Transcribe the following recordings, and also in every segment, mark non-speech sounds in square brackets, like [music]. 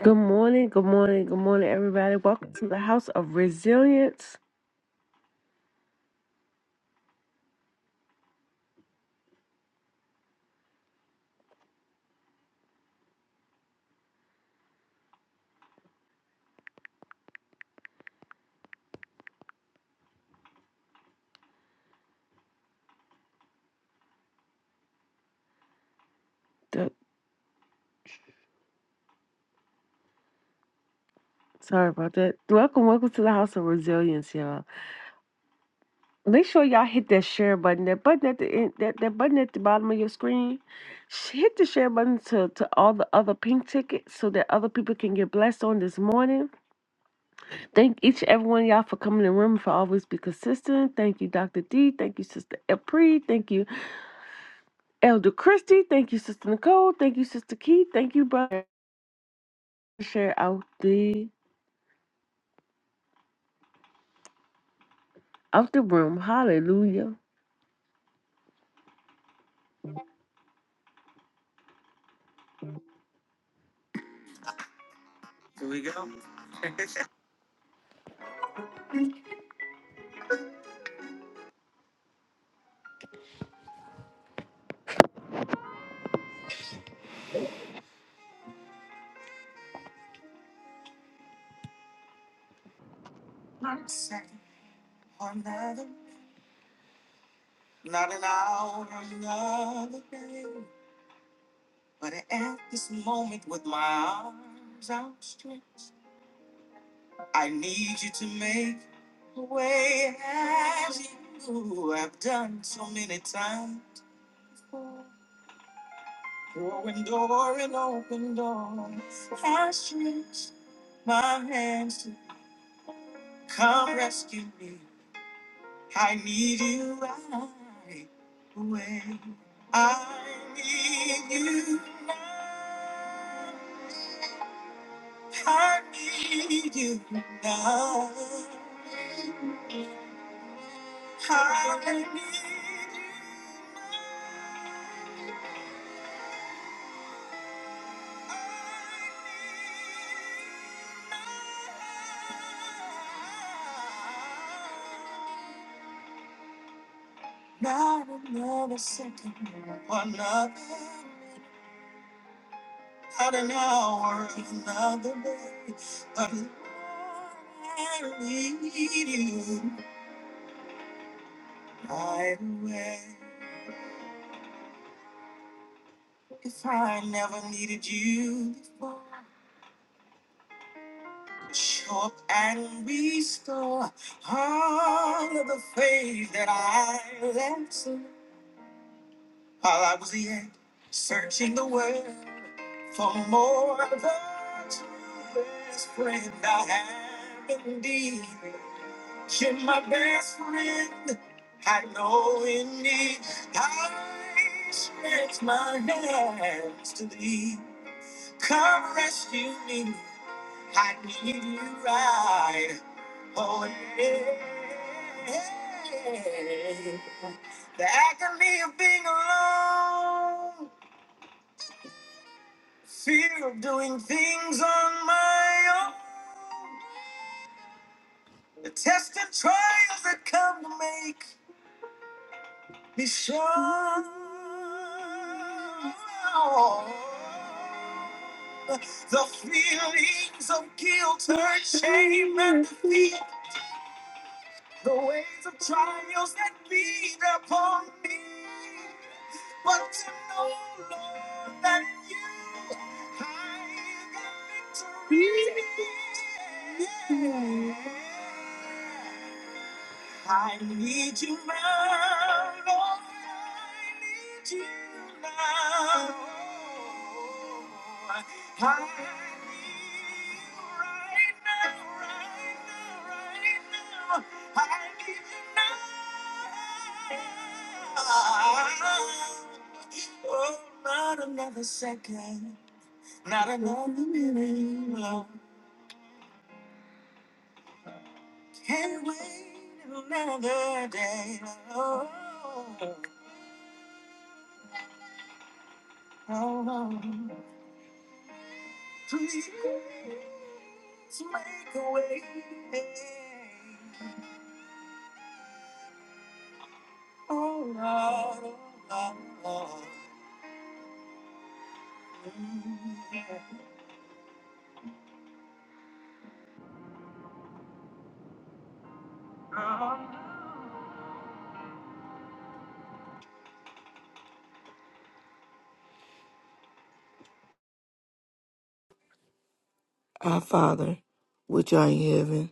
Good morning, good morning, good morning, everybody. Welcome to the House of Resilience. The- Sorry about that. Welcome, welcome to the House of Resilience, y'all. Make sure y'all hit that share button, that button at the end, that, that button at the bottom of your screen. Sh- Hit the share button to, to all the other pink tickets so that other people can get blessed on this morning. Thank each and every one of y'all for coming in the room for always be consistent. Thank you, Dr. D. Thank you, Sister Apri. Thank you, Elder Christie. Thank you, Sister Nicole. Thank you, Sister Keith. Thank you, brother. share out the out the room. Hallelujah. Our Father, which art in heaven,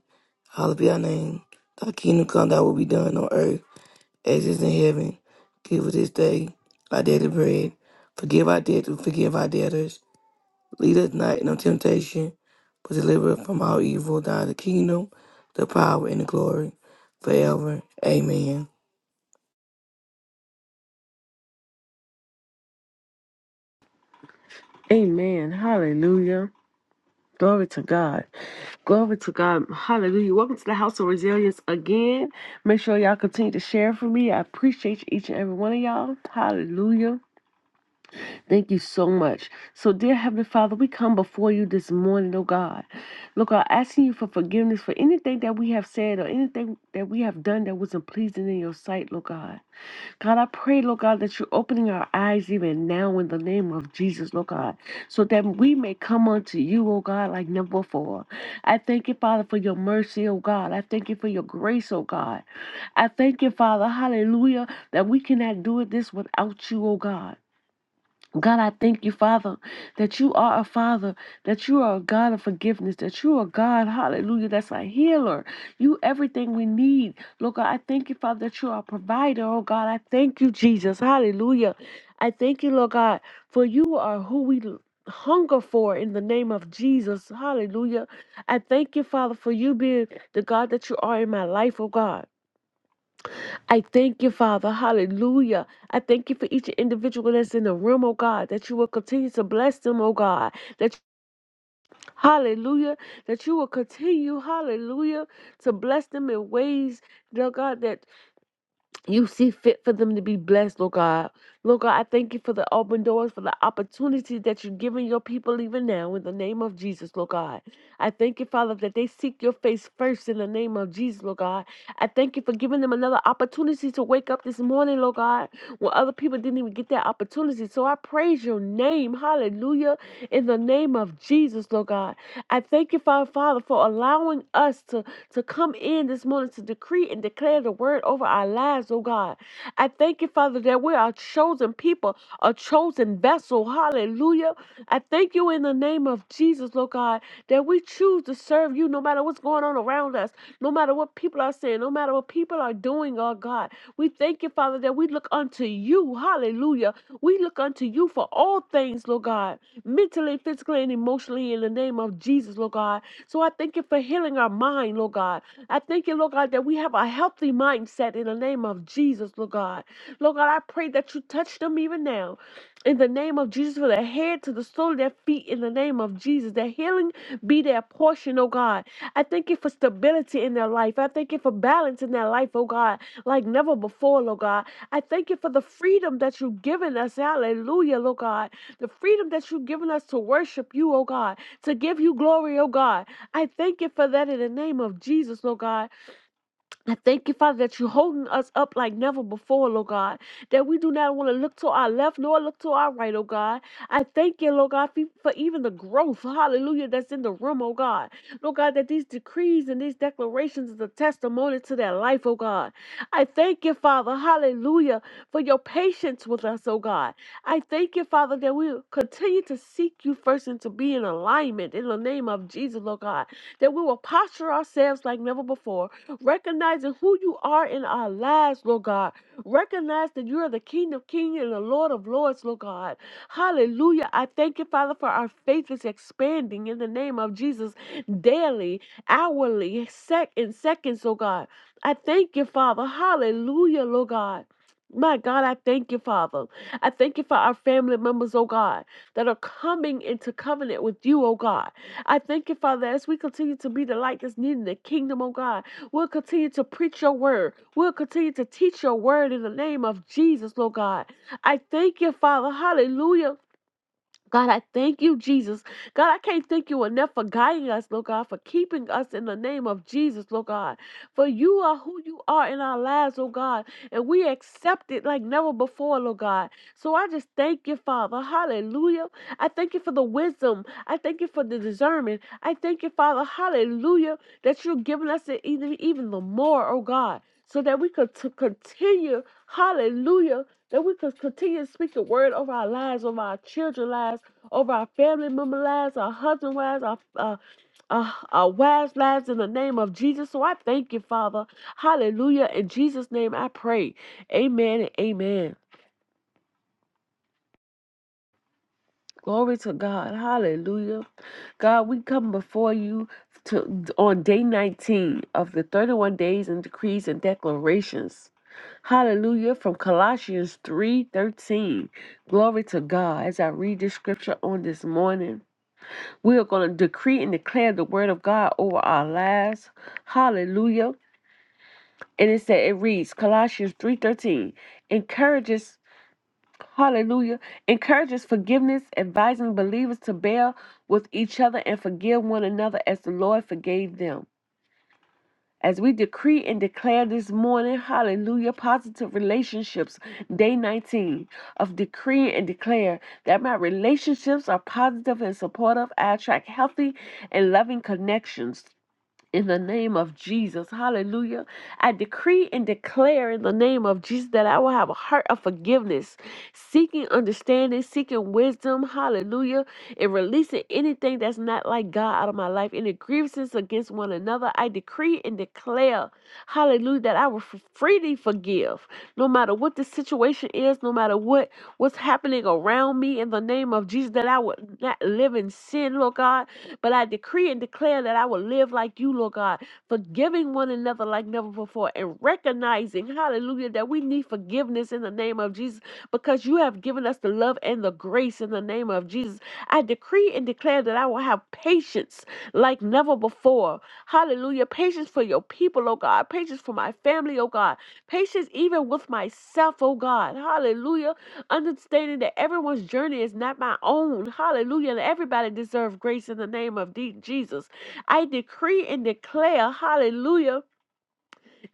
hallowed be thy name. Thy kingdom come, thy will be done on earth as it is in heaven. Give us this day our daily bread. Forgive our debts, we forgive our debtors. Lead us not into temptation, but deliver us from all evil. Thy the kingdom, the power, and the glory forever. Amen. Amen. Hallelujah. Glory to God. Glory to God. Hallelujah. Welcome to the House of Resilience again. Make sure y'all continue to share for me. I appreciate each and every one of y'all. Hallelujah. Thank you so much. So, dear Heavenly Father, we come before you this morning, oh God. Look, I'm asking you for forgiveness for anything that we have said or anything that we have done that wasn't pleasing in your sight, Lord God. God, I pray, Lord God, that you're opening our eyes even now in the name of Jesus, Lord God, so that we may come unto you, oh God, like never before. I thank you, Father, for your mercy, oh God. I thank you for your grace, oh God. I thank you, Father, hallelujah, that we cannot do it this without you, oh God. God, I thank you, Father, that you are a Father, that you are a God of forgiveness, that you are God, hallelujah, that's a healer. You everything we need. Lord God, I thank you, Father, that you are a provider. Oh God, I thank you, Jesus. Hallelujah. I thank you, Lord God, for you are who we l- hunger for in the name of Jesus. Hallelujah. I thank you, Father, for you being the God that you are in my life, oh God. I thank you, Father. Hallelujah. I thank you for each individual that's in the room, oh God, that you will continue to bless them, oh God. That hallelujah. That you will continue, hallelujah, to bless them in ways, dear God, that you see fit for them to be blessed, Lord God. Lord God, I thank you for the open doors, for the opportunities that you're giving your people even now in the name of Jesus, Lord God. I thank you, Father, that they seek your face first in the name of Jesus, Lord God. I thank you for giving them another opportunity to wake up this morning, Lord God, when other people didn't even get that opportunity. So I praise your name, hallelujah, in the name of Jesus, Lord God. I thank you, Father, Father, for allowing us to, to come in this morning to decree and declare the word over our lives, oh God. I thank you, Father, that we are chosen people, a chosen vessel. Hallelujah. I thank you in the name of Jesus, Lord God, that we choose to serve you no matter what's going on around us, no matter what people are saying, no matter what people are doing, oh God. We thank you, Father, that we look unto you. Hallelujah. We look unto you for all things, Lord God, mentally, physically, and emotionally in the name of Jesus, Lord God. So I thank you for healing our mind, Lord God. I thank you, Lord God, that we have a healthy mindset in the name of Jesus, Lord God. Lord God, I pray that you touch them even now in the name of Jesus, from their head to the sole of their feet, in the name of Jesus. That healing be their portion, oh God. I thank you for stability in their life. I thank you for balance in their life, oh God, like never before, Lord God. I thank you for the freedom that you've given us, hallelujah, Lord God. The freedom that you've given us to worship you, oh God, to give you glory, oh God. I thank you for that in the name of Jesus, Lord God. I thank you, Father, that you're holding us up like never before, Lord God. That we do not want to look to our left nor look to our right, oh God. I thank you, Lord God, for for even the growth, hallelujah, that's in the room, oh God. Lord God, that these decrees and these declarations is a testimony to their life, oh God. I thank you, Father, hallelujah, for your patience with us, oh God. I thank you, Father, that we continue to seek you first and to be in alignment in the name of Jesus, Lord God. That we will posture ourselves like never before recognizing who you are in our lives, Lord God. Recognize that you are the King of Kings and the Lord of Lords, Lord God. Hallelujah. I thank you, Father, for our faith is expanding in the name of Jesus daily, hourly, sec in seconds, Lord God. I thank you, Father. Hallelujah, Lord God. My God, I thank you, Father. I thank you for our family members, oh God, that are coming into covenant with you, oh God. I thank you, Father, as we continue to be the light that's needed in the kingdom, oh God. We'll continue to preach your word. We'll continue to teach your word in the name of Jesus, Lord God. I thank you, Father. Hallelujah. God, I thank you, Jesus. God, I can't thank you enough for guiding us, Lord God, for keeping us in the name of Jesus, Lord God. For you are who you are in our lives, Lord God, and we accept it like never before, Lord God. So I just thank you, Father. Hallelujah. I thank you for the wisdom. I thank you for the discernment. I thank you, Father. Hallelujah, that you're giving us it even, even the more, oh God, so that we could to continue, hallelujah, that we could continue to speak the word over our lives, over our children's lives over our family member lives, our husband lives, our, uh, uh, our wives lives in the name of Jesus. So I thank you, Father. Hallelujah. In Jesus' name I pray. Amen and amen. Glory to God. Hallelujah. God, we come before you to on day 19 of the 31 days and decrees and declarations. Hallelujah. From Colossians 3:13. Glory to God. As I read this scripture on this morning. We are going to decree and declare the word of God over our lives. Hallelujah. And it said it reads Colossians 3:13 encourages hallelujah encourages forgiveness advising believers to bear with each other and forgive one another as the Lord forgave them. As we decree and declare this morning, hallelujah, positive relationships, day 19 of decree and declare that my relationships are positive and supportive. I attract healthy and loving connections. in the name of Jesus. Hallelujah. I decree and declare in the name of Jesus that I will have a heart of forgiveness, seeking understanding, seeking wisdom. Hallelujah. And releasing anything that's not like God out of my life, any grievances against one another. I decree and declare, hallelujah, that I will f- freely forgive no matter what the situation is, no matter what what's happening around me in the name of Jesus, that I would not live in sin, Lord God but I decree and declare that I will live like you, Lord God, forgiving one another like never before and recognizing, hallelujah, that we need forgiveness in the name of Jesus because you have given us the love and the grace in the name of Jesus. I decree and declare that I will have patience like never before. Hallelujah. Patience for your people, oh God. Patience for my family, oh God. Patience even with myself, oh God. Hallelujah understanding that everyone's journey is not my own. Hallelujah. And everybody deserves grace in the name of de- Jesus. I decree and declare, hallelujah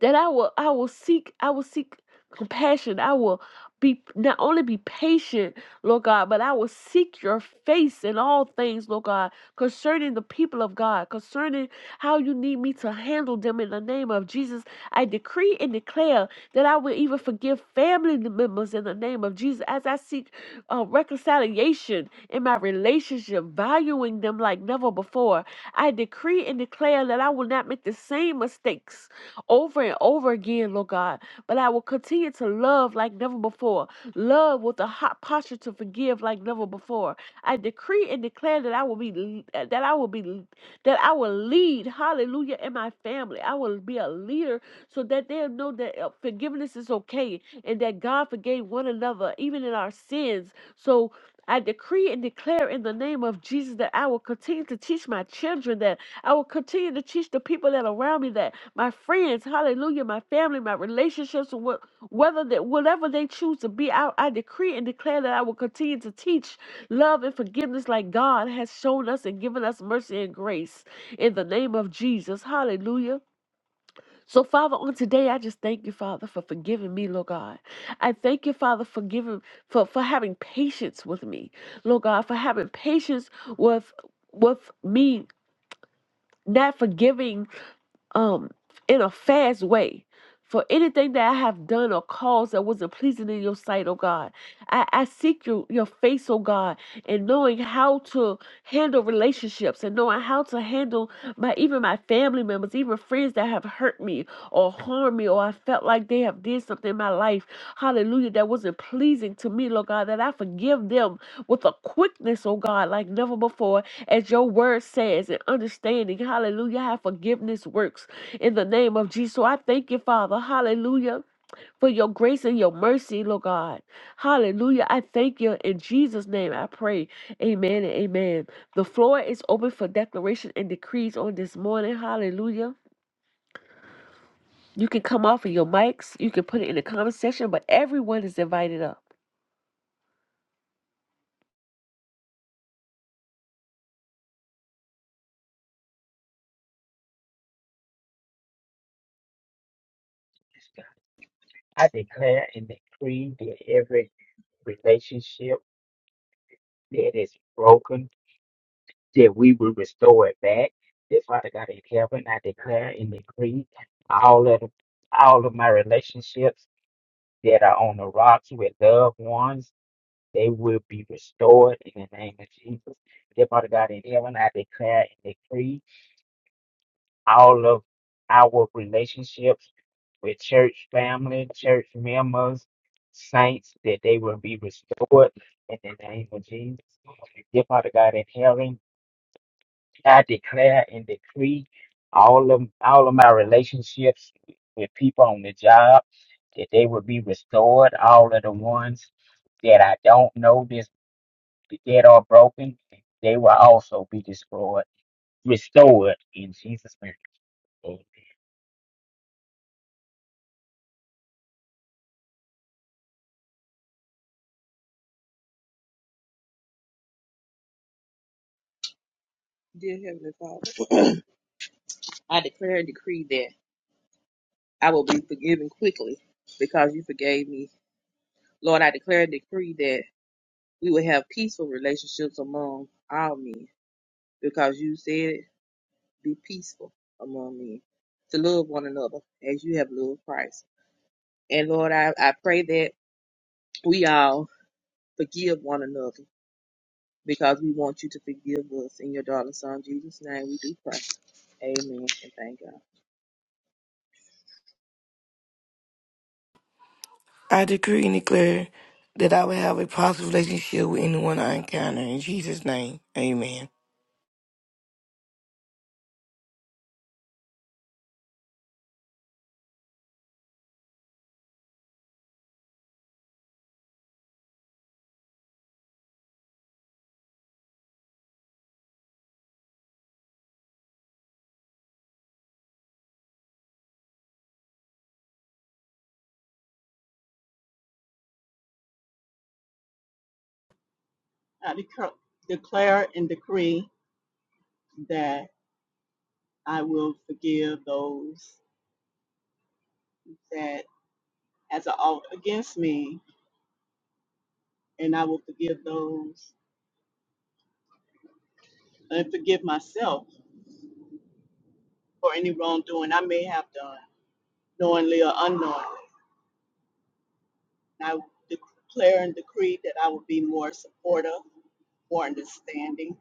that I will I will seek I will seek compassion. I will be not only be patient, Lord God, but I will seek your face in all things, Lord God, concerning the people of God, concerning how you need me to handle them in the name of Jesus. I decree and declare that I will even forgive family members in the name of Jesus as I seek uh, reconciliation in my relationship, valuing them like never before. I decree and declare that I will not make the same mistakes over and over again, Lord God. But I will continue to love like never before. Love with a hot posture to forgive like never before. I decree and declare that I will be uh, that I will be that I will lead, hallelujah, in my family. I will be a leader so that they'll know that uh, forgiveness is okay and that God forgave one another, even in our sins. So I decree and declare in the name of Jesus that I will continue to teach my children that I will continue to teach the people that are around me that my friends, hallelujah, my family, my relationships, wha- whether that whatever they choose to be out, I I decree and declare that I will continue to teach love and forgiveness like God has shown us and given us mercy and grace in the name of Jesus. Hallelujah. So, Father, on today, I just thank you, Father, for forgiving me, Lord God. I thank you, Father, for giving for, for having patience with me, Lord God, for having patience with with me not forgiving um in a fast way for anything that I have done or caused that wasn't pleasing in your sight, oh God. I, I seek your, your face, oh God, and knowing how to handle relationships and knowing how to handle my even my family members, even friends that have hurt me or harmed me, or I felt like they have did something in my life, hallelujah, that wasn't pleasing to me, Lord God, that I forgive them with a quickness, oh God, like never before as your word says, and understanding, hallelujah, how forgiveness works in the name of Jesus. So I thank you, Father, hallelujah. For your grace and your mercy, Lord God. Hallelujah. I thank you. In Jesus' name, I pray. Amen and amen. The floor is open for declaration and decrees on this morning. Hallelujah. You can come off of your mics. You can put it in the comment section, but everyone is invited up. I declare and decree that every relationship that is broken, that we will restore it back. That Father God in heaven, I declare and decree all of the- all of my relationships that are on the rocks with loved ones, they will be restored in the name of Jesus. Dear Father God in heaven, I declare and decree all of our relationships with church family, church members, saints, that they will be restored in the name of Jesus. Dear Father God in heaven, I declare and decree all of all of my relationships with people on the job that they will be restored. All of the ones that I don't know this dead or broken, they will also be destroyed, restored in Jesus' name. Dear Heavenly Father, [clears throat] I declare and decree that I will be forgiven quickly because you forgave me. Lord, I declare and decree that we will have peaceful relationships among all men because you said it, be peaceful among men, to love one another as you have loved Christ. And Lord, I, I pray that we all forgive one another because we want you to forgive us. In your darling son, Jesus' name, we do pray. Amen and thank God. I decree and declare that I will have a positive relationship with anyone I encounter. In Jesus' name, amen. I declare, declare and decree that I will forgive those that as a ought against me, and I will forgive those and forgive myself for any wrongdoing I may have done, knowingly or unknowingly. And I declare and decree that I will be more supportive, more understanding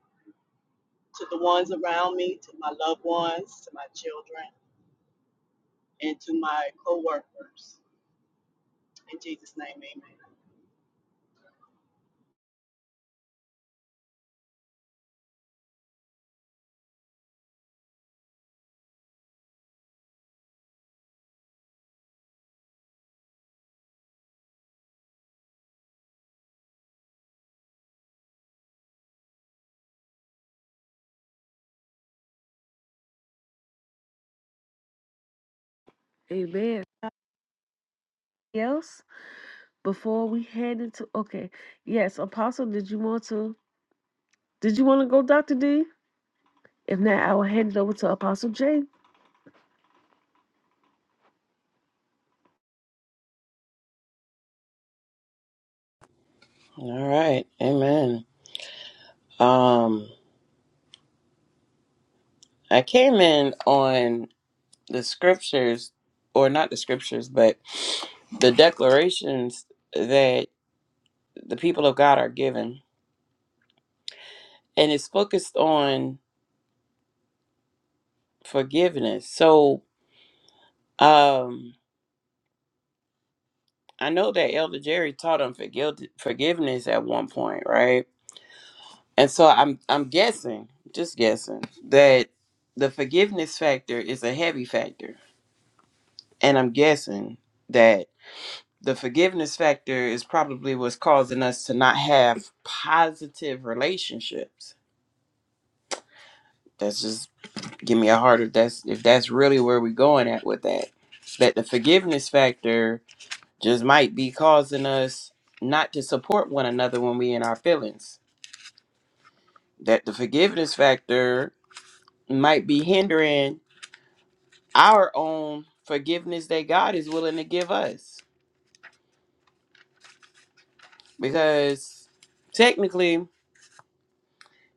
to the ones around me, to my loved ones, to my children, and to my co-workers. In Jesus' name, amen. Amen. Else, before we head into, okay. Yes, Apostle, did you want to? Did you want to go, Dr. D? If not, I will hand it over to Apostle J. All right. Amen. Um I came in on the scriptures or not the scriptures, but the declarations that the people of God are given. And it's focused on forgiveness. So um I know that Elder Jerry taught on forgive, forgiveness at one point, right? And so I'm I'm guessing, just guessing, that the forgiveness factor is a heavy factor. And I'm guessing that the forgiveness factor is probably what's causing us to not have positive relationships. That's just give me a heart if that's if that's really where we're going at with that. That the forgiveness factor just might be causing us not to support one another when we in our feelings. That the forgiveness factor might be hindering our own forgiveness that God is willing to give us. Because technically,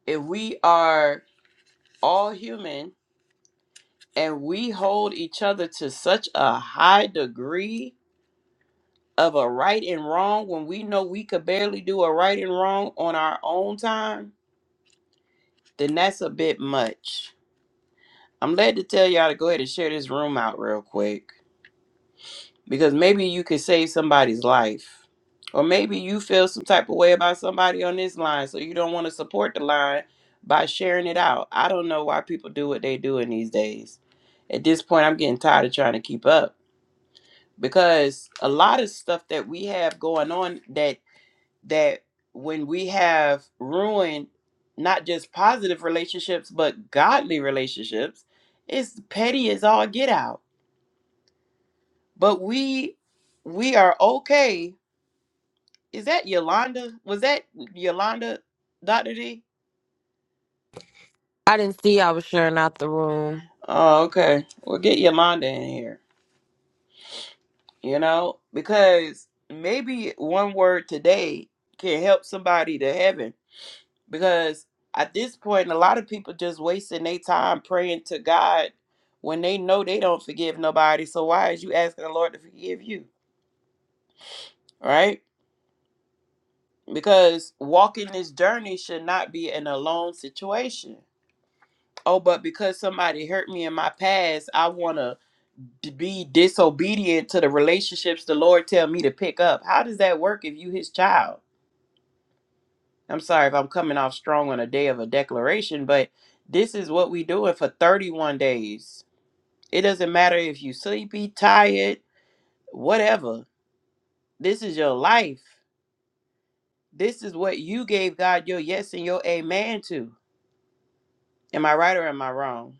if we are all human and we hold each other to such a high degree of a right and wrong when we know we could barely do a right and wrong on our own time, then that's a bit much. I'm led to tell y'all to go ahead and share this room out real quick because maybe you could save somebody's life. Or maybe you feel some type of way about somebody on this line, so you don't want to support the line by sharing it out. I don't know why people do what they do in these days. At this point, I'm getting tired of trying to keep up. because a lot of stuff that we have going on that that when we have ruined not just positive relationships but godly relationships it's petty as all get out but we we are okay is that yolanda was that yolanda dr d I didn't see y'all was sharing out the room. oh okay we'll get yolanda in here you know because maybe one word today can help somebody to heaven because at this point a lot of people just wasting their time praying to god when they know they don't forgive nobody so why is you asking the lord to forgive you right because walking this journey should not be an alone situation oh but because somebody hurt me in my past i want to be disobedient to the relationships the lord tell me to pick up how does that work if you his child i'm sorry if i'm coming off strong on a day of a declaration but this is what we doing for 31 days It doesn't matter if you sleepy, tired, whatever. This is your life. This is what you gave God your yes and your amen to. Am I right or am I wrong?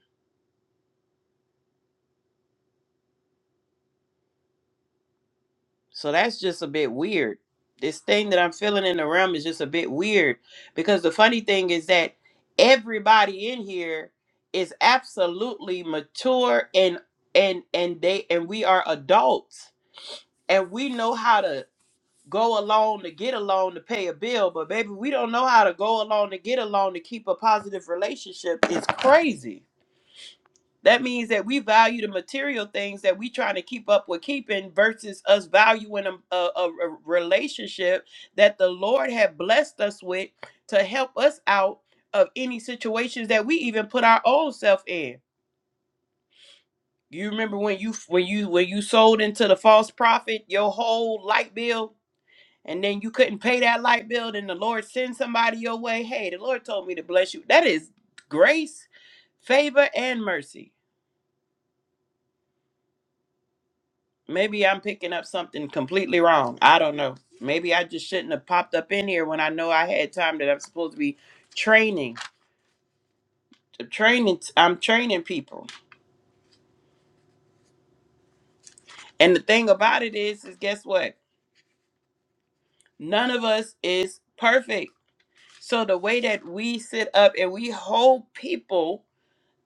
So that's just a bit weird. This thing that I'm feeling in the realm is just a bit weird because the funny thing is that everybody in here is absolutely mature and and and they and we are adults and we know how to go along to get along to pay a bill, but baby, we don't know how to go along to get along to keep a positive relationship It's crazy. That means that we value the material things that we trying to keep up with keeping versus us valuing a, a, a a relationship that the Lord had blessed us with to help us out of any situations that we even put our own self in. You remember when you when you when you sold into the false prophet your whole light bill and then you couldn't pay that light bill, then the Lord send somebody your way. Hey, the Lord told me to bless you. That is grace, favor, and mercy. Maybe I'm picking up something completely wrong. I don't know. Maybe I just shouldn't have popped up in here when I know I had time that I'm supposed to be training. Training I'm training people. And the thing about it is, is guess what? None of us is perfect. So the way that we sit up and we hold people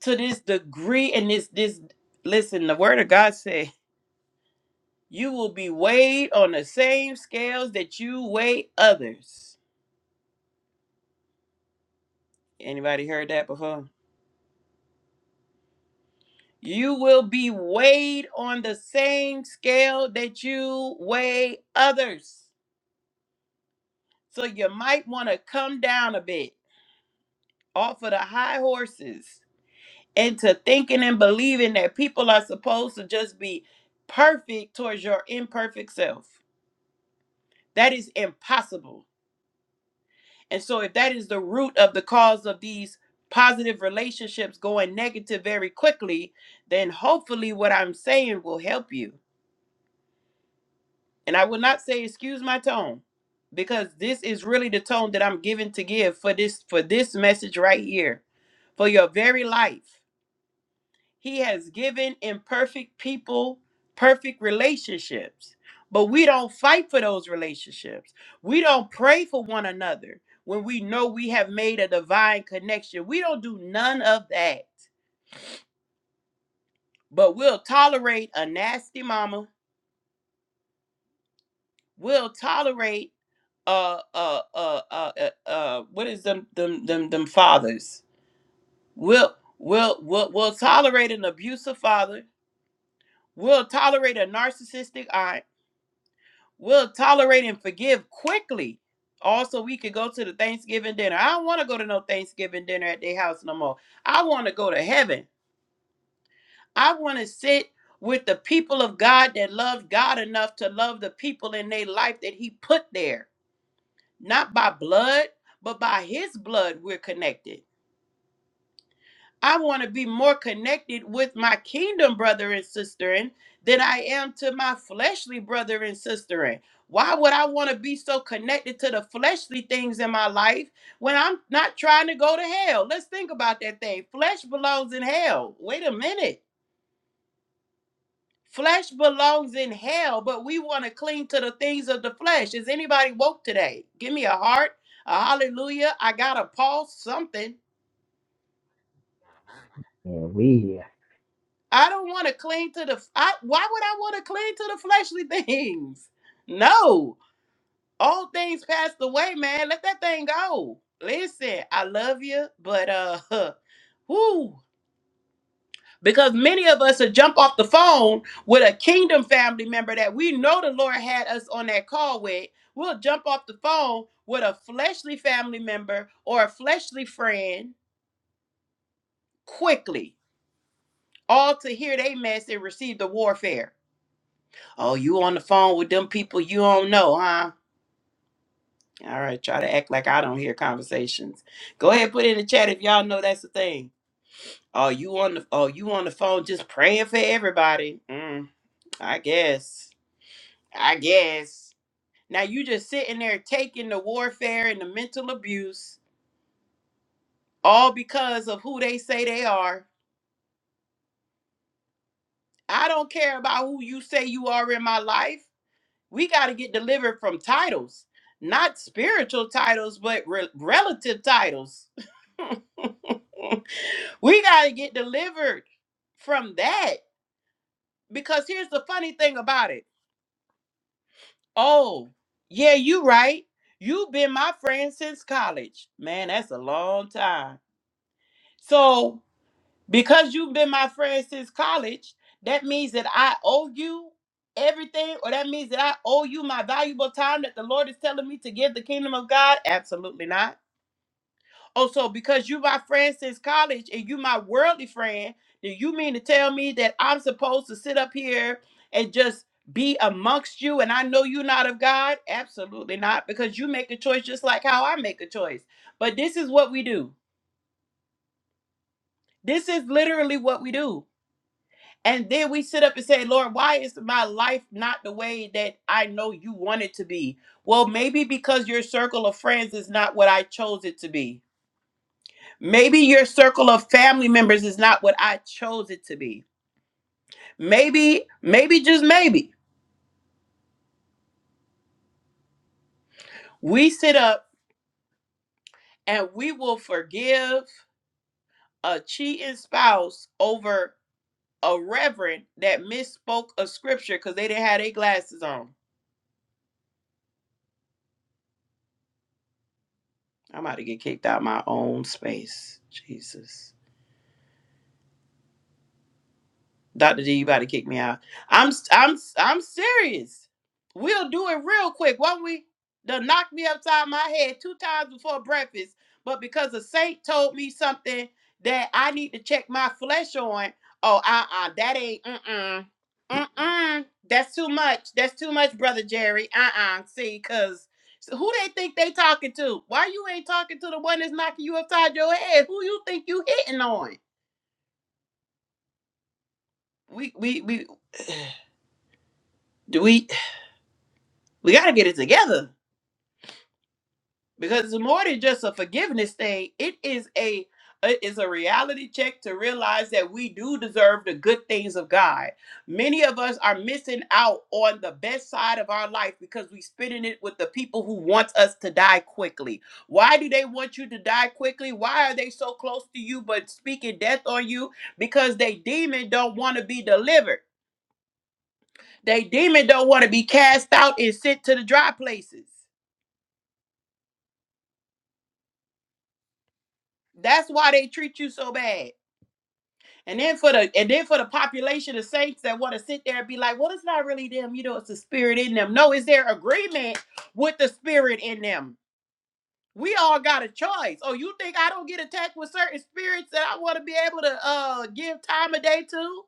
to this degree and this this listen the word of god say you will be weighed on the same scales that you weigh others anybody heard that before you will be weighed on the same scale that you weigh others so you might want to come down a bit off of the high horses into thinking and believing that people are supposed to just be perfect towards your imperfect self that is impossible And so, if that is the root of the cause of these positive relationships going negative very quickly, then hopefully what I'm saying will help you. And I will not say, excuse my tone, because this is really the tone that I'm given to give for this for this message right here, for your very life. He has given imperfect people perfect relationships. But we don't fight for those relationships. We don't pray for one another when we know we have made a divine connection. We don't do none of that. But we'll tolerate a nasty mama. We'll tolerate uh uh uh uh uh, uh what is them them them them fathers? We'll we'll we'll, we'll tolerate an abusive father. We'll tolerate a narcissistic aunt We'll tolerate and forgive quickly. Also, we could go to the Thanksgiving dinner. I don't want to go to no Thanksgiving dinner at their house no more. I want to go to heaven. I want to sit with the people of God that love God enough to love the people in their life that He put there. Not by blood, but by His blood, we're connected. I want to be more connected with my kingdom brother and sister in than I am to my fleshly brother and sister in. Why would I want to be so connected to the fleshly things in my life when I'm not trying to go to hell? Let's think about that thing. Flesh belongs in hell. Wait a minute. Flesh belongs in hell, but we want to cling to the things of the flesh. Is anybody woke today? Give me a heart, a hallelujah. I got a pulse, something. And We. I don't want to cling to the. I, why would I want to cling to the fleshly [laughs] things? No, all things passed away, man. Let that thing go. Listen, I love you, but uh, [laughs] whoo, because many of us will jump off the phone with a kingdom family member that we know the Lord had us on that call with. We'll jump off the phone with a fleshly family member or a fleshly friend quickly, all to hear they mess and receive the warfare. Oh, you on the phone with them people you don't know, huh? All right, try to act like I don't hear conversations. Go ahead, put it in the chat if y'all know that's the thing. Oh, you on the oh you on the phone just praying for everybody. Mm, I guess. I guess. Now you just sitting there taking the warfare and the mental abuse all because of who they say they are. I don't care about who you say you are in my life. We got to get delivered from titles, not spiritual titles, but re- relative titles. [laughs] we got to get delivered from that because here's the funny thing about it. Oh, yeah, you right. You've been my friend since college. Man, that's a long time. So Because you've been my friend since college, that means that I owe you everything, or that means that I owe you my valuable time that the Lord is telling me to give the kingdom of God? Absolutely not. Oh, so because you my friend since college and you my worldly friend, do you mean to tell me that I'm supposed to sit up here and just be amongst you and I know you not of God? Absolutely not, because you make a choice just like how I make a choice. But this is what we do. This is literally what we do And then we sit up and say, Lord, why is my life not the way that I know you want it to be? Well, maybe because your circle of friends is not what I chose it to be. Maybe your circle of family members is not what I chose it to be. Maybe, maybe just maybe we sit up and we will forgive a cheating spouse over a reverend that misspoke a scripture because they didn't have their glasses on. I'm about to get kicked out of my own space. Jesus. Dr. G, you about to kick me out. I'm i I'm i I'm serious. We'll do it real quick. Won't we done knocked me upside my head two times before breakfast, but because a saint told me something that I need to check my flesh on. Oh, uh-uh, that ain't mm-mm. Mm-mm. That's too much. That's too much, brother Jerry. Uh-uh. See, cause so who they think they talking to? Why you ain't talking to the one that's knocking you upside your head? Who you think you hitting on? We we we do we we got to get it together because it's more than just a forgiveness thing it is a it is a reality check to realize that we do deserve the good things of god many of us are missing out on the best side of our life because we spending it with the people who want us to die quickly why do they want you to die quickly why are they so close to you but speaking death on you because they demon don't want to be delivered they demon don't want to be cast out and sent to the dry places That's why they treat you so bad. And then for the and then for the population of saints that want to sit there and be like, well, it's not really them, you know, it's the spirit in them. No, it's their agreement with the spirit in them. We all got a choice. Oh, you think I don't get attacked with certain spirits that I want to be able to uh give time of day to?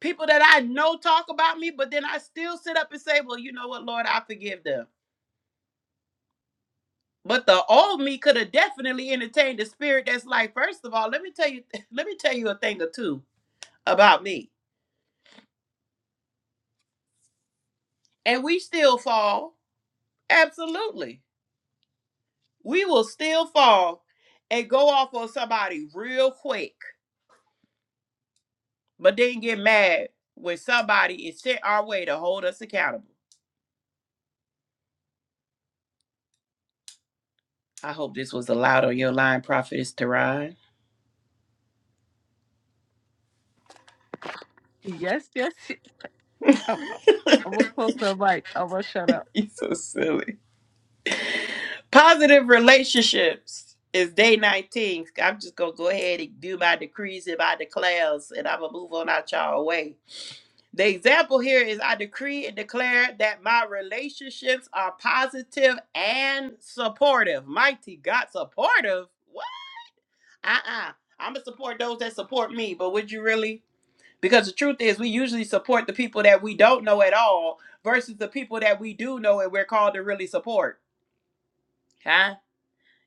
People that I know talk about me, but then I still sit up and say, Well, you know what, Lord, I forgive them. But the old me could have definitely entertained the spirit that's like, first of all, let me tell you, [laughs] let me tell you a thing or two about me. And we still fall. Absolutely. We will still fall and go off on somebody real quick, but then get mad when somebody is sent our way to hold us accountable. I hope this was allowed on your line, Prophetess Teron. Yes, yes. yes. Oh, oh, I'm gonna close my mic. I'm gonna shut up. [laughs] You're so silly. Positive relationships is day 19. I'm just going to go ahead and do my decrees and my declares, and I'm going to move on out y'all way. The example here is I decree and declare that my relationships are positive and supportive. Mighty God, supportive? What? Uh uh-uh. uh. gonna support those that support me, but would you really? Because the truth is, we usually support the people that we don't know at all versus the people that we do know and we're called to really support. huh?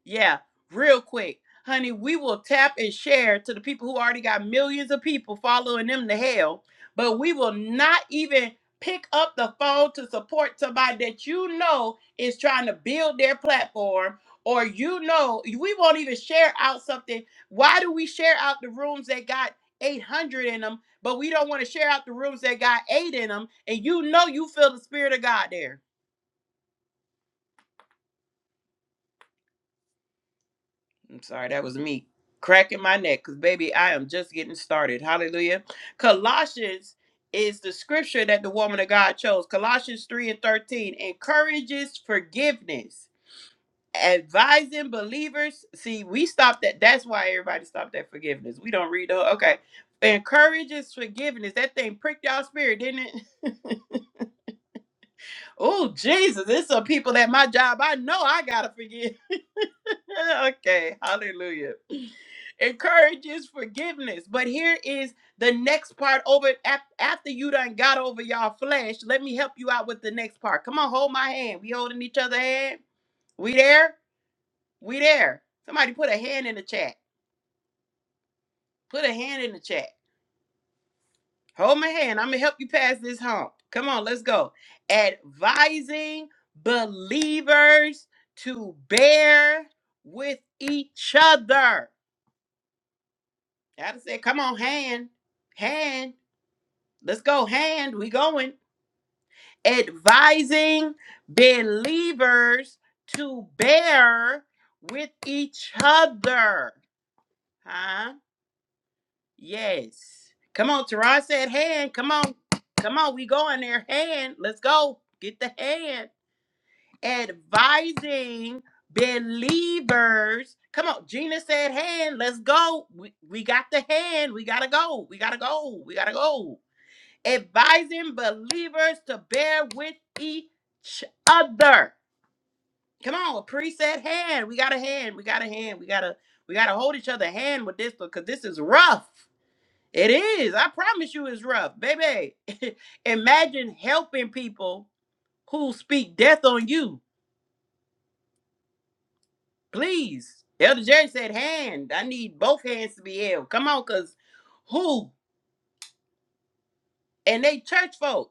Yeah, real quick. Honey, we will tap and share to the people who already got millions of people following them to hell, but we will not even pick up the phone to support somebody that you know is trying to build their platform or you know we won't even share out something. Why do we share out the rooms that got 800 in them, but we don't want to share out the rooms that got 8 in them and you know you feel the spirit of God there. I'm sorry, that was me cracking my neck because, baby, I am just getting started. Hallelujah. Colossians is the scripture that the woman of God chose. Colossians 3 and 13 encourages forgiveness, advising believers. See, we stopped at that's why everybody stopped at forgiveness. We don't read the whole- okay. Encourages forgiveness. That thing pricked y'all spirit, didn't it? [laughs] Oh, Jesus. There's some people at my job I know I gotta forgive. [laughs] okay, hallelujah. Encourages forgiveness. But here is the next part over af- after you done got over y'all flesh. Let me help you out with the next part. Come on, hold my hand. We holding each other hand. We there? We there. Somebody put a hand in the chat. Put a hand in the chat. Hold my hand. I'm gonna help you pass this hump. Come on, let's go. Advising believers to bear with each other. Gotta say, come on, hand, hand, let's go, hand, we going. Advising believers to bear with each other. Huh? Yes. Come on, Tara said, hand, come on, come on, we going there, hand, let's go, get the hand. Advising believers. Come on, Gina said, hand, let's go. We, we got the hand, we gotta go, we gotta go, we gotta go advising believers to bear with each other. Come on, a preset hand. We got a hand. We got a hand. We gotta we gotta hold each other hand with this because this is rough. It is. I promise you, it's rough, baby. [laughs] Imagine helping people who speak death on you. Please, Elder Jerry said, hand. I need both hands to be held. Come on, cause who? And they church folk.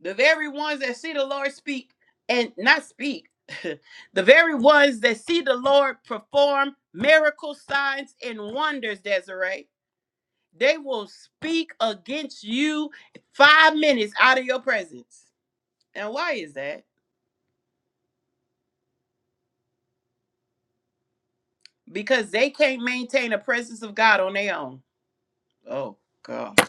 the very ones that see the Lord speak and not speak, [laughs] the very ones that see the Lord perform miracle signs and wonders, Desiree, they will speak against you five minutes out of your presence. And why is that? Because they can't maintain a presence of God on their own. Oh God.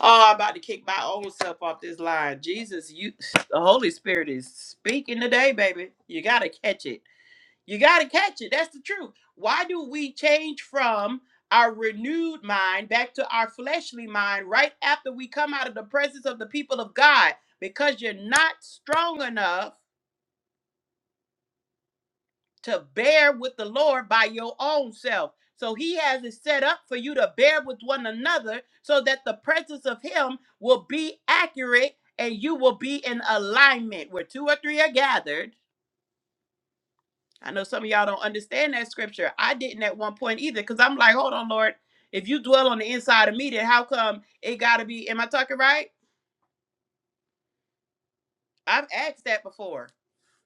Oh, I'm about to kick my own self off this line. Jesus, you [sighs] the Holy Spirit is speaking today, baby. You gotta catch it You got to catch it. That's the truth. Why do we change from our renewed mind back to our fleshly mind right after we come out of the presence of the people of God? Because you're not strong enough to bear with the Lord by your own self. So he has it set up for you to bear with one another so that the presence of him will be accurate and you will be in alignment where two or three are gathered I know some of y'all don't understand that scripture. I didn't at one point either because I'm like, hold on, Lord. If you dwell on the inside of me, then how come it got to be? Am I talking right? I've asked that before.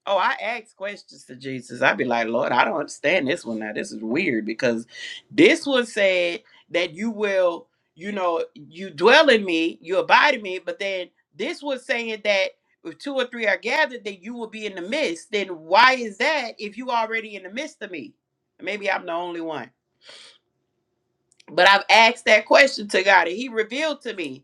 Oh, I ask questions to Jesus. I'd be like, Lord, I don't understand this one now. This is weird because this one said that you will, you know, you dwell in me, you abide in me, but then this was saying that if two or three are gathered, then you will be in the midst. Then why is that if you already in the midst of me? Maybe I'm the only one. But I've asked that question to God and He revealed to me.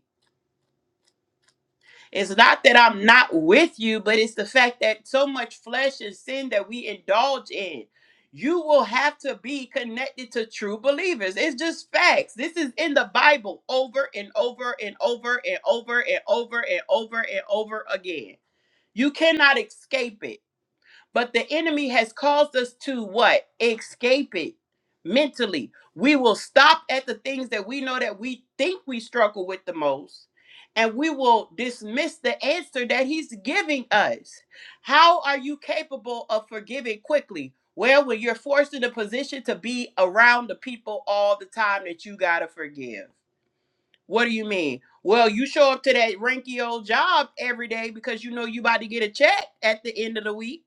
It's not that I'm not with you, but it's the fact that so much flesh and sin that we indulge in. You will have to be connected to true believers. It's just facts. This is in the Bible over and over and over and over and over and over and over again. You cannot escape it. But the enemy has caused us to what? Escape it mentally. We will stop at the things that we know that we think we struggle with the most. And we will dismiss the answer that he's giving us. How are you capable of forgiving quickly? Well, when you're forced in a position to be around the people all the time that you got to forgive. What do you mean? Well, you show up to that ranky old job every day because you know you about to get a check at the end of the week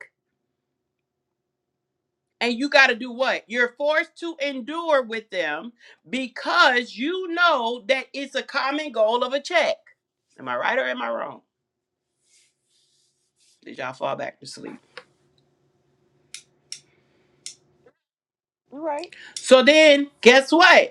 and you got to do what? You're forced to endure with them because you know that it's a common goal of a check. Am I right or am I wrong? Did y'all fall back to sleep? All right. So then, guess what?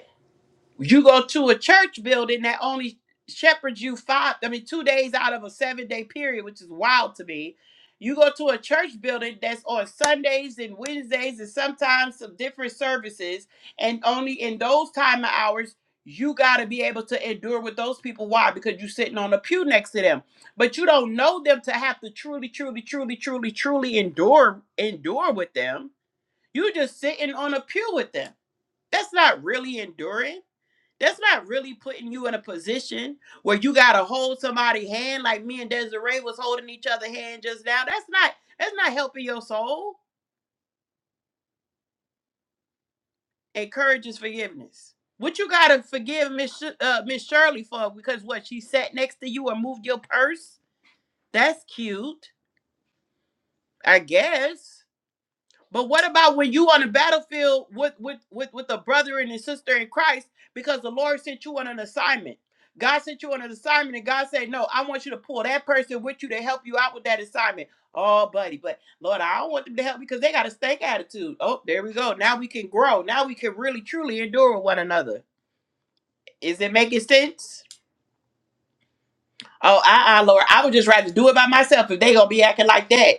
You go to a church building that only shepherds you five, I mean, two days out of a seven day period, which is wild to me. You go to a church building that's on Sundays and Wednesdays and sometimes some different services, and only in those time of hours, you got to be able to endure with those people. Why? Because you're sitting on a pew next to them, but you don't know them to have to truly, truly, truly, truly, truly endure endure with them. You're just sitting on a pew with them. That's not really enduring that's not really putting you in a position where you gotta hold somebody's hand like me and Desiree was holding each other hand just now. That's not that's not helping your soul. Encourages forgiveness. What you gotta forgive Miss Sh- uh, Miss Shirley for because what she sat next to you or moved your purse? That's cute, I guess. But what about when you on the battlefield with with with with a brother and a sister in Christ because the Lord sent you on an assignment. God sent you on an assignment and God said, "No, I want you to pull that person with you to help you out with that assignment." Oh, buddy, but Lord, I don't want them to help because they got a stank attitude. Oh, there we go. Now we can grow. Now we can really truly endure with one another. Is it making sense? Oh, uh-uh, Lord. I would just rather do it by myself if they gonna be acting like that.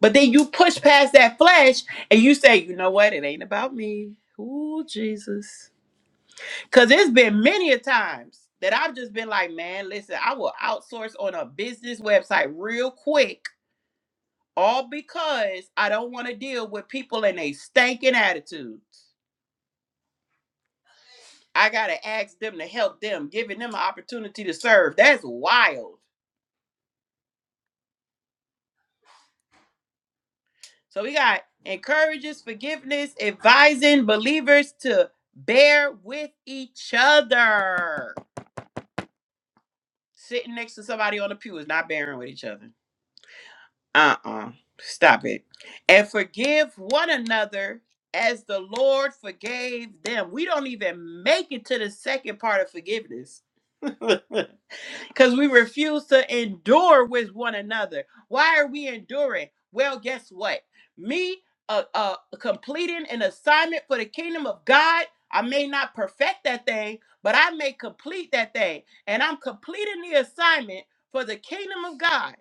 But then you push past that flesh and you say, you know what? It ain't about me. Ooh, Jesus. Cause it's been many a times that I've just been like, man, listen, I will outsource on a business website real quick, all because I don't want to deal with people and they stinking attitudes. I gotta ask them to help them, giving them an opportunity to serve. That's wild. So we got encourages, forgiveness, advising believers to bear with each other. Sitting next to somebody on the pew is not bearing with each other. Uh uh Stop it. And forgive one another as the Lord forgave them. We don't even make it to the second part of forgiveness. [laughs] because we refuse to endure with one another. Why are we enduring? Well, guess what? Me uh, uh, completing an assignment for the kingdom of God, I may not perfect that thing, but I may complete that thing. And I'm completing the assignment for the kingdom of God.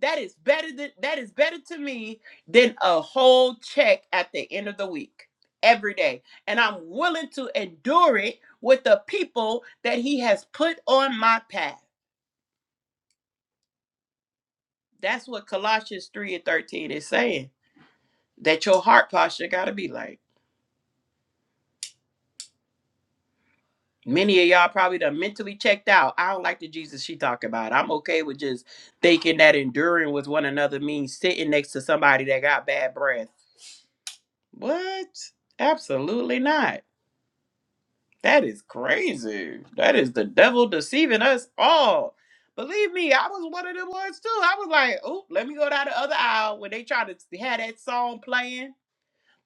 That is better than that is better to me than a whole check at the end of the week every day. And I'm willing to endure it with the people that he has put on my path. That's what Colossians 3 and 13 is saying. That your heart posture gotta be like. Many of y'all probably done mentally checked out. I don't like the Jesus she talk about. I'm okay with just thinking that enduring with one another means sitting next to somebody that got bad breath. What? Absolutely not. That is crazy. That is the devil deceiving us all. Believe me, I was one of them ones too. I was like, oh, let me go down the other aisle when they try to have that song playing.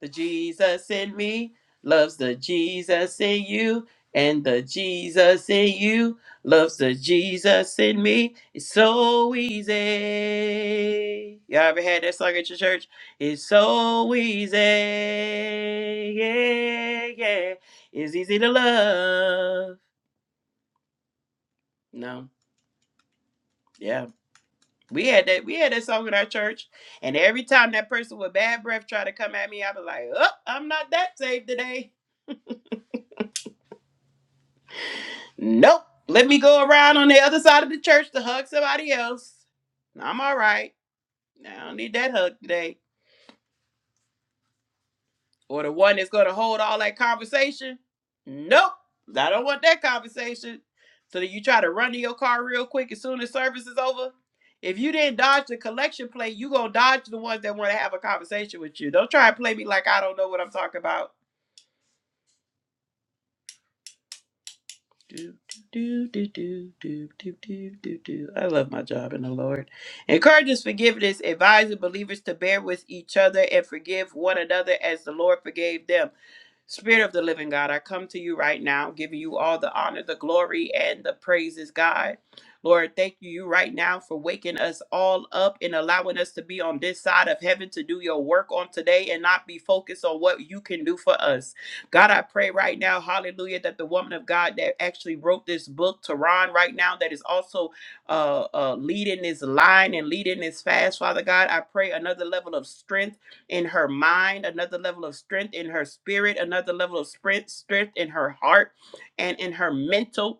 The Jesus in me loves the Jesus in you, and the Jesus in you loves the Jesus in me. It's so easy. Y'all ever had that song at your church? It's so easy. Yeah, yeah. It's easy to love. No, yeah. We had that we had that song in our church. And every time that person with bad breath tried to come at me, I'd be like, oh, I'm not that saved today. Nope. Let me go around on the other side of the church to hug somebody else. I'm all right. I don't need that hug today. Or the one that's going to hold all that conversation. Nope. I don't want that conversation. So that you try to run to your car real quick as soon as service is over. If you didn't dodge the collection plate, you going to dodge the ones that want to have a conversation with you. Don't try and play me like I don't know what I'm talking about. Do, do, do, do, do, do, do, do, do. I love my job in the Lord. Encourages forgiveness, advising believers to bear with each other and forgive one another as the Lord forgave them. Spirit of the living God, I come to you right now, giving you all the honor, the glory, and the praises, God. Lord, thank you right now for waking us all up and allowing us to be on this side of heaven to do your work on today and not be focused on what you can do for us. God, I pray right now, hallelujah, that the woman of God that actually wrote this book, Tehran, right now, that is also uh, uh, leading this line and leading this fast, Father God, I pray another level of strength in her mind, another level of strength in her spirit, another level of strength, strength in her heart and in her mental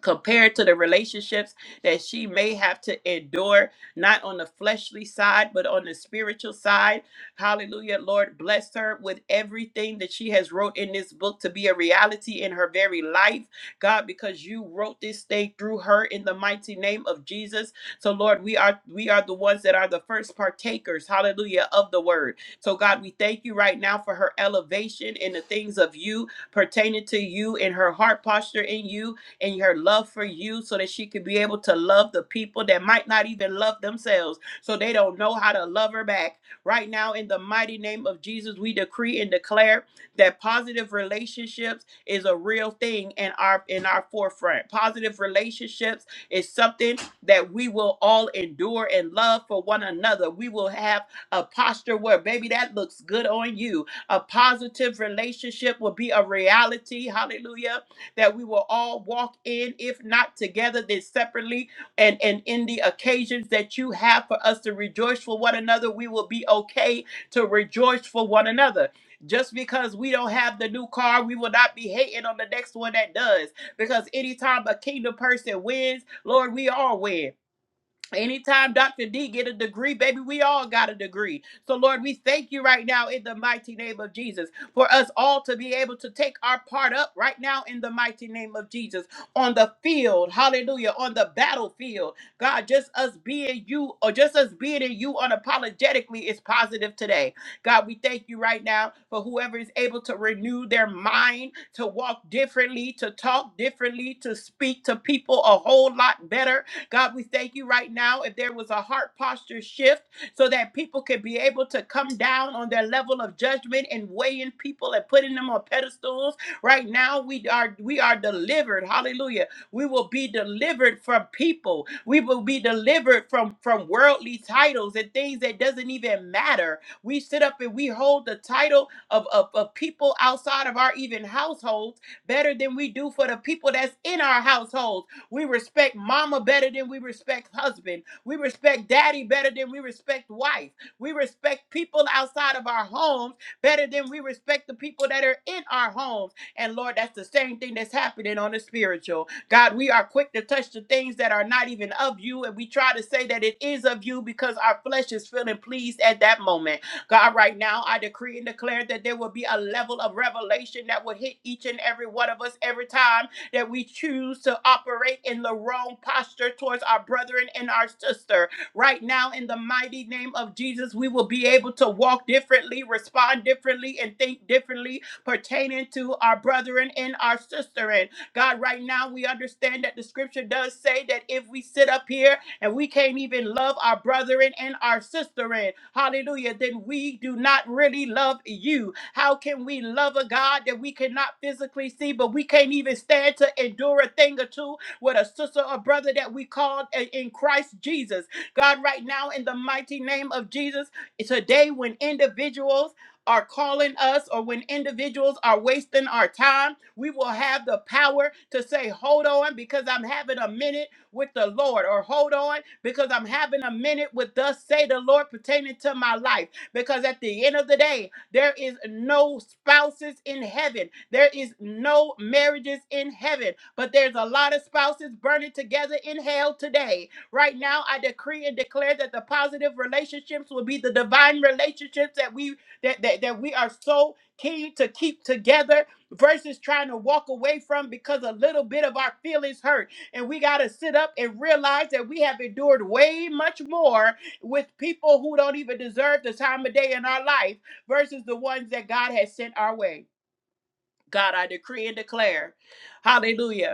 compared to the relationships that she may have to endure, not on the fleshly side, but on the spiritual side. Hallelujah. Lord, bless her with everything that she has wrote in this book to be a reality in her very life. God, because you wrote this thing through her in the mighty name of Jesus. So Lord, we are we are the ones that are the first partakers, hallelujah, of the word. So God, we thank you right now for her elevation in the things of you pertaining to you in her heart posture in you and her love for you so that she could be able to love the people that might not even love themselves so they don't know how to love her back. Right now, in the mighty name of Jesus, we decree and declare that positive relationships is a real thing in our in our forefront. Positive relationships is something that we will all endure and love for one another. We will have a posture where baby that looks good on you. A positive relationship will be a reality. Hallelujah that we will all walk in, if not together, then separately. And, and in the occasions that you have for us to rejoice for one another, we will be okay to rejoice for one another. Just because we don't have the new car, we will not be hating on the next one that does. Because anytime a kingdom person wins, Lord, we all win. Anytime Dr. D get a degree, baby, we all got a degree. So Lord, we thank you right now in the mighty name of Jesus for us all to be able to take our part up right now in the mighty name of Jesus on the field, hallelujah, on the battlefield. God, just us being you or just us being in you unapologetically is positive today. God, we thank you right now for whoever is able to renew their mind, to walk differently, to talk differently, to speak to people a whole lot better God, we thank you right now. If there was a heart posture shift so that people could be able to come down on their level of judgment and weighing people and putting them on pedestals, right now we are we are delivered. Hallelujah. We will be delivered from people. We will be delivered from from worldly titles and things that doesn't even matter. We sit up and we hold the title of, of, of people outside of our even households better than we do for the people that's in our households we respect mama better than we respect husband. We respect daddy better than we respect wife. We respect people outside of our homes better than we respect the people that are in our homes. And Lord, that's the same thing that's happening on the spiritual. God, we are quick to touch the things that are not even of you, and we try to say that it is of you because our flesh is feeling pleased at that moment. God, right now, I decree and declare that there will be a level of revelation that will hit each and every one of us every time that we choose to operate in the wrong posture towards our brethren and our sister. Right now, in the mighty name of Jesus, we will be able to walk differently, respond differently, and think differently pertaining to our brethren and our sister. And God, right now, we understand that the scripture does say that if we sit up here and we can't even love our brethren and our sisterin, hallelujah, then we do not really love you. How can we love a God that we cannot physically see, but we can't even stand to endure a thing or two with a sister or brother that we called in in Christ Jesus? God, right now, in the mighty name of Jesus, today when individuals are calling us or when individuals are wasting our time, we will have the power to say, Hold on, because I'm having a minute with the Lord, or hold on because I'm having a minute with thus say the Lord pertaining to my life. Because at the end of the day, there is no spouses in heaven, there is no marriages in heaven, but there's a lot of spouses burning together in hell today. Right now, I decree and declare that the positive relationships will be the divine relationships that we that that, that we are so keen to keep together versus trying to walk away from because a little bit of our feelings hurt and we got to sit up and realize that we have endured way much more with people who don't even deserve the time of day in our life versus the ones that God has sent our way. God, I decree and declare. Hallelujah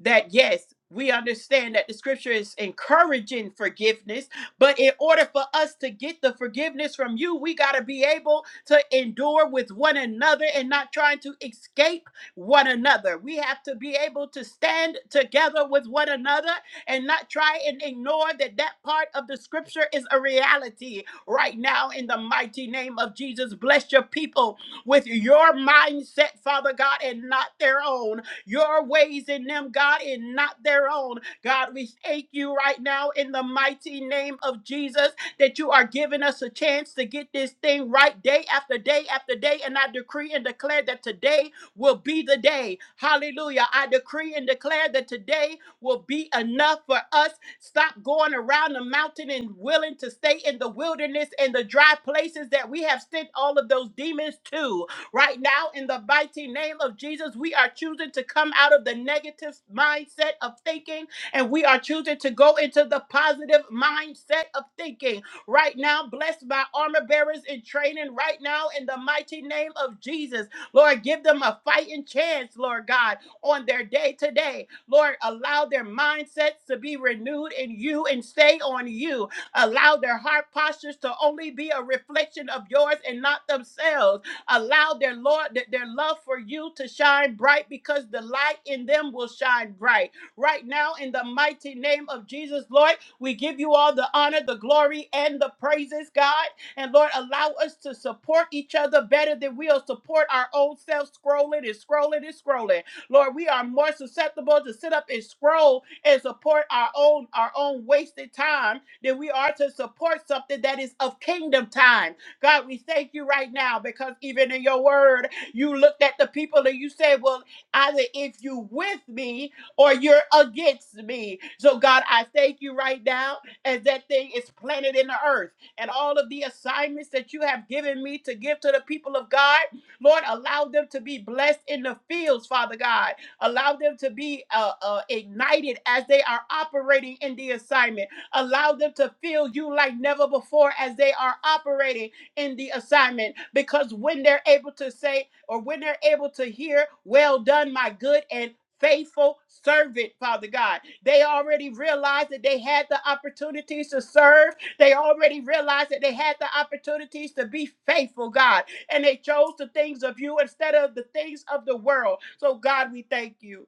that yes, we understand that the scripture is encouraging forgiveness, but in order for us to get the forgiveness from you, we got to be able to endure with one another and not trying to escape one another. We have to be able to stand together with one another and not try and ignore that that part of the scripture is a reality right now in the mighty name of Jesus. Bless your people with your mindset, Father God, and not their own your ways in them, God, and not their own. God, we thank you right now in the mighty name of Jesus that you are giving us a chance to get this thing right day after day after day. And I decree and declare that today will be the day. Hallelujah. I decree and declare that today will be enough for us. Stop going around the mountain and willing to stay in the wilderness and the dry places that we have sent all of those demons to. Right now, in the mighty name of Jesus, we are choosing to come out of the negative mindset of thinking and we are choosing to go into the positive mindset of thinking. Right now, bless my armor bearers in training right now in the mighty name of Jesus. Lord, give them a fighting chance, Lord God, on their day today. Lord, allow their mindsets to be renewed in you and stay on you. Allow their heart postures to only be a reflection of yours and not themselves. Allow their Lord their their love for you to shine bright because the light in them will shine bright. Right now in the mighty name of Jesus, Lord, we give you all the honor, the glory and the praises, God. And Lord, allow us to support each other better than we'll support our own selves scrolling and scrolling and scrolling. Lord, we are more susceptible to sit up and scroll and support our own our own wasted time than we are to support something that is of kingdom time God, we thank you right now because even in your word, you looked at the people and you said, Well, either if you with me or you're against me. So, God, I thank you right now as that thing is planted in the earth and all of the assignments that you have given me to give to the people of God. Lord, allow them to be blessed in the fields, Father God. Allow them to be uh, uh, ignited as they are operating in the assignment. Allow them to feel you like never before as they are operating in the assignment because when they're able to say or when they're able to hear, Well done, my good and faithful servant, Father God, they already realized that they had the opportunities to serve, they already realized that they had the opportunities to be faithful, God, and they chose the things of you instead of the things of the world. So, God, we thank you,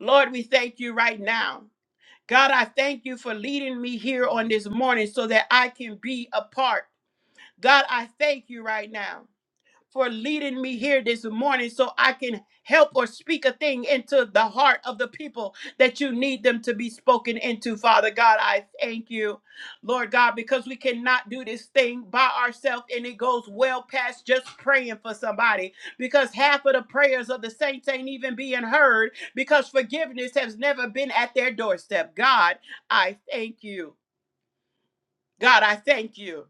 Lord, we thank you right now. God, I thank you for leading me here on this morning so that I can be a part. God, I thank you right now for leading me here this morning so I can help or speak a thing into the heart of the people that you need them to be spoken into, Father God. I thank you, Lord God, because we cannot do this thing by ourselves and it goes well past just praying for somebody because half of the prayers of the saints ain't even being heard because forgiveness has never been at their doorstep. God, I thank you. God, I thank you.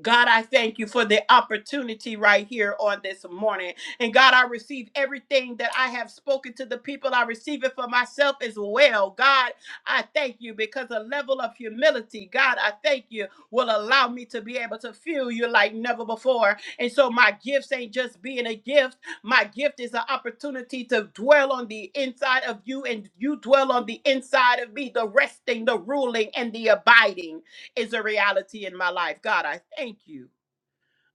God, I thank you for the opportunity right here on this morning. And God, I receive everything that I have spoken to the people. I receive it for myself as well. God, I thank you because a level of humility, God, I thank you, will allow me to be able to feel you like never before. And so my gifts ain't just being a gift, my gift is an opportunity to dwell on the inside of you, and you dwell on the inside of me, the resting, the ruling, and the abiding is a reality in my life. God, I thank you.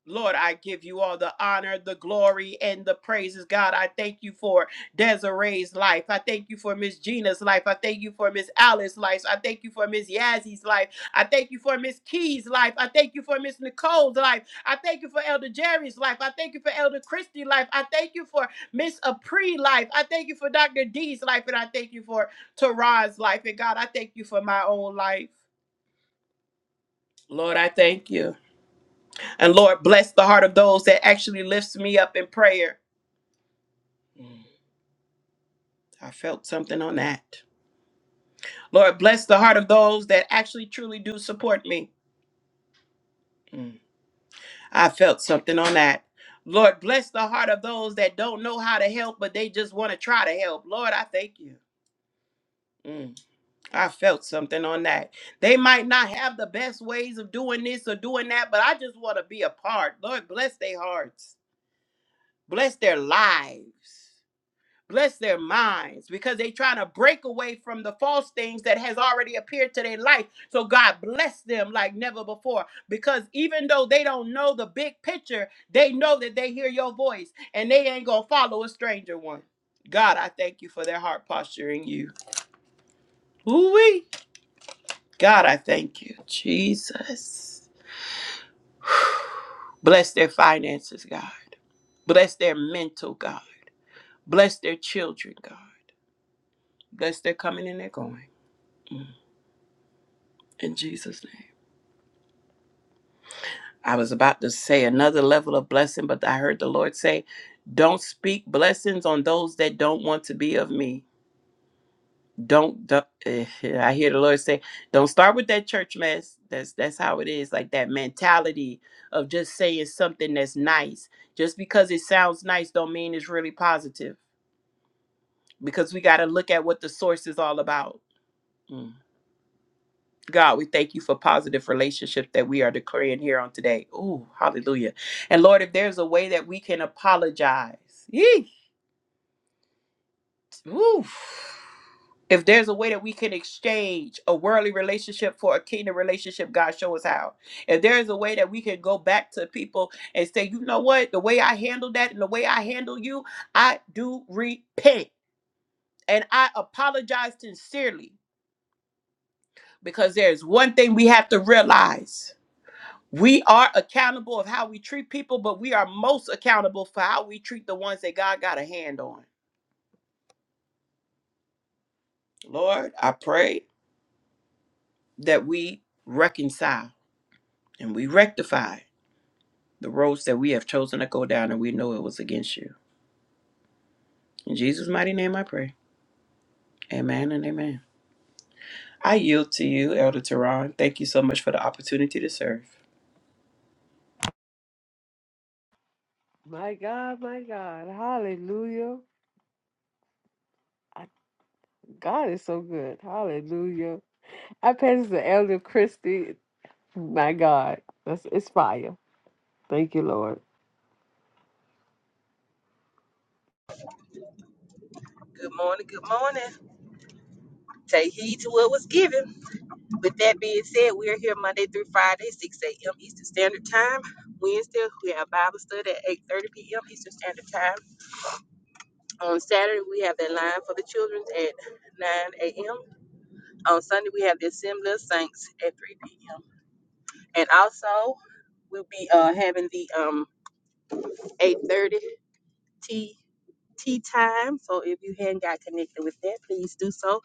Lord, I give you all the honor, the glory, and the praises. God, I thank you for Desiree's life. I thank you for Miss Gina's life. I thank you for Miss Alice's life. I thank you for Miss Yazzie's life. I thank you for Miss Key's life. I thank you for Miss Nicole's life. I thank you for Elder Jerry's life. I thank you for Elder Christie's life. I thank you for Miss Apri life. I thank you for Dr. D's life. And I thank you for Tara's life. And God, I thank you for my own life. Lord, I thank you. And Lord, bless the heart of those that actually lifts me up in prayer. Mm, I felt something on that. Lord, bless the heart of those that actually truly do support me. Mm, I felt something on that. Lord, bless the heart of those that don't know how to help, but they just want to try to help. Lord, I thank you. Mm, I felt something on that. They might not have the best ways of doing this or doing that, but I just want to be a part. Lord, bless their hearts, bless their lives. bless their minds because they trying to break away from the false things that has already appeared to their life so god bless them like never before because even though they don't know the big picture they know that they hear your voice and they ain't gonna follow a stranger one god i thank you for their heart posture in you Ooh-wee. god i thank you jesus [sighs] bless their finances god bless their mental god bless their children god bless their coming and their going Mm. In Jesus' name. I was about to say another level of blessing, but I heard the Lord say, Don't speak blessings on those that don't want to be of me. Don't, don't eh, [laughs] I hear the Lord say, Don't start with that church mess. That's that's how it is, like that mentality of just saying something that's nice. Just because it sounds nice don't mean it's really positive. Because we gotta look at what the source is all about. Mm. God, we thank you for positive relationship that we are declaring here on today. Ooh, hallelujah. And Lord, if there's a way that we can apologize, yeesh, ooh, if there's a way that we can exchange a worldly relationship for a kingdom relationship, God, show us how. If there is a way that we can go back to people and say, you know what, the way I handled that and the way I handle you, I do repent and I apologize sincerely because there's one thing we have to realize. We are accountable of how we treat people, but we are most accountable for how we treat the ones that God got a hand on. Lord, I pray that we reconcile and we rectify the roads that we have chosen to go down and we know it was against you. In Jesus' mighty name I pray. Amen and amen. I yield to you, Elder Teron. Thank you so much for the opportunity to serve. My God, my God. Hallelujah. I- God is so good. Hallelujah. I pass the elder Christy. My God. That's it's fire. Thank you, Lord. Good morning, good morning. Take heed to what was given With that being said, we are here Monday through Friday, 6 a.m. Eastern Standard Time. Wednesday, we have Bible study at 8.30 p.m. Eastern Standard Time. On Saturday, we have the line for the children at 9 a.m. On Sunday, we have the Assembly of Saints at 3 p.m. And also, we'll be uh, having the um, 8.30 tea, tea time. So if you hadn't got connected with that, please do so.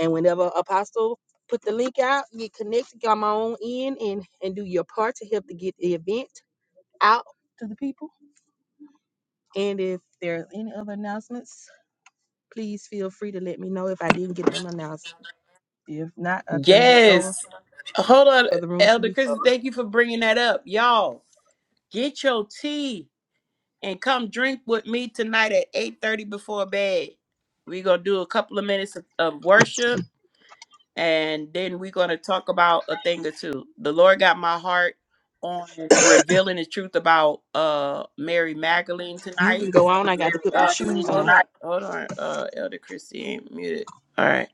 And whenever Apostle put the link out, get connected, come on in and, and do your part to help to get the event out to the people. And if there are any other announcements, please feel free to let me know if I didn't get them announced. If not, I'll turn back over Yes. Hold on, for the room to Elder be Chris. closed. Thank you for bringing that up. Y'all, get your tea. and come drink with me tonight at 8.30 before bed we're going to do a couple of minutes of, of worship and then we're going to talk about a thing or two the lord got my heart on revealing the truth about uh mary magdalene You tonight can go on. I got to put my uh shoes hold on. on hold on uh elder Christie ain't muted all right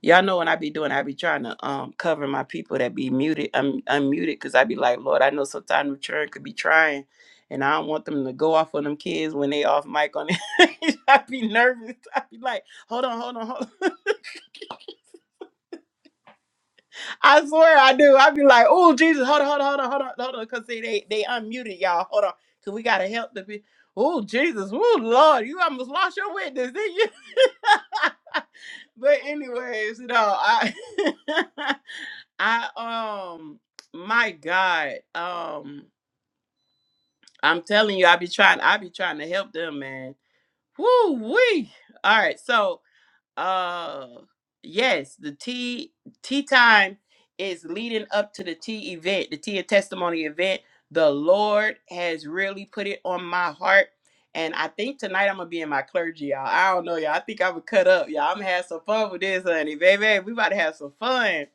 Y'all know when I be doing, I be trying to um cover my people that be muted, um, unmuted, because I be like, Lord, I know sometimes the children could be trying, and I don't want them to go off on them kids when they off mic on it. [laughs] I be nervous. I be like, hold on, hold on, hold on. [laughs] I swear I do. I'd be like, oh Jesus, hold on, hold on, hold on, hold on, hold on, because see they they unmuted y'all. Hold on, cause we gotta help the people. Oh Jesus, oh Lord, you almost lost your witness, didn't you? [laughs] but anyways, no, I [laughs] I um my God. Um I'm telling you, I be trying I be trying to help them, man. Woo wee. All right, so uh yes the tea tea time is leading up to the tea event the tea of testimony event the lord has really put it on my heart and i think tonight i'm gonna be in my clergy y'all i don't know y'all i think i'm gonna cut up y'all i'm gonna have some fun with this honey baby we about to have some fun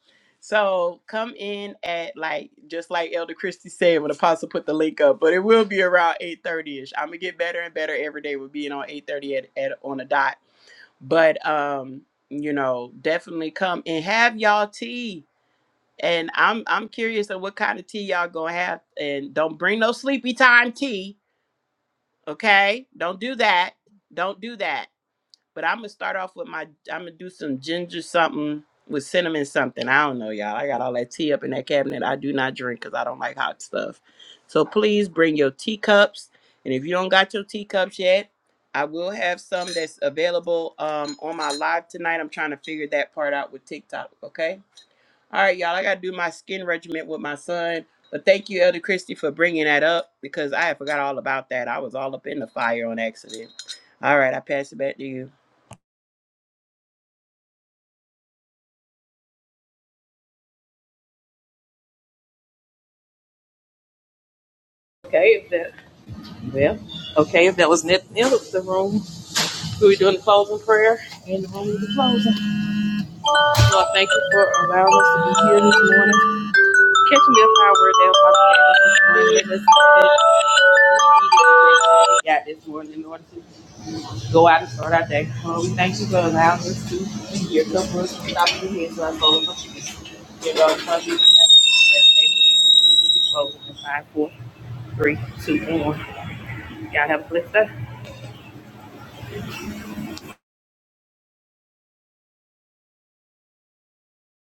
so come in at like just like elder christie said when apostle put the link up but it will be around 8.30ish i'm gonna get better and better every day with being on 8.30 at, at on a dot but um you know definitely come and have y'all tea and i'm i'm curious of what kind of tea y'all gonna have and don't bring no sleepy time tea okay don't do that don't do that but I'm gonna start off with my. I'm gonna do some ginger something with cinnamon something. I don't know, y'all. I got all that tea up in that cabinet. I do not drink because I don't like hot stuff. So please bring your teacups. And if you don't got your teacups yet, I will have some that's available um, on my live tonight. I'm trying to figure that part out with TikTok. Okay. All right, y'all. I gotta do my skin regimen with my son. But thank you, Elder Christie, for bringing that up because I had forgot all about that. I was all up in the fire on accident. All right, I pass it back to you. Okay, if that well, okay, if that was net the end of the room, we were doing the closing prayer and the room will be closing. Lord, thank you for allowing us to be here this morning. Catch me up our word down, We got this morning in order to go out and start our day. Lord, we thank you for allowing us to be here. Come for us to stop in here so our soul of forgiveness. Dear Lord, Father, you have to pray. Amen. the room will be closing in five, four, three, two, and one. Y'all have a blessed day.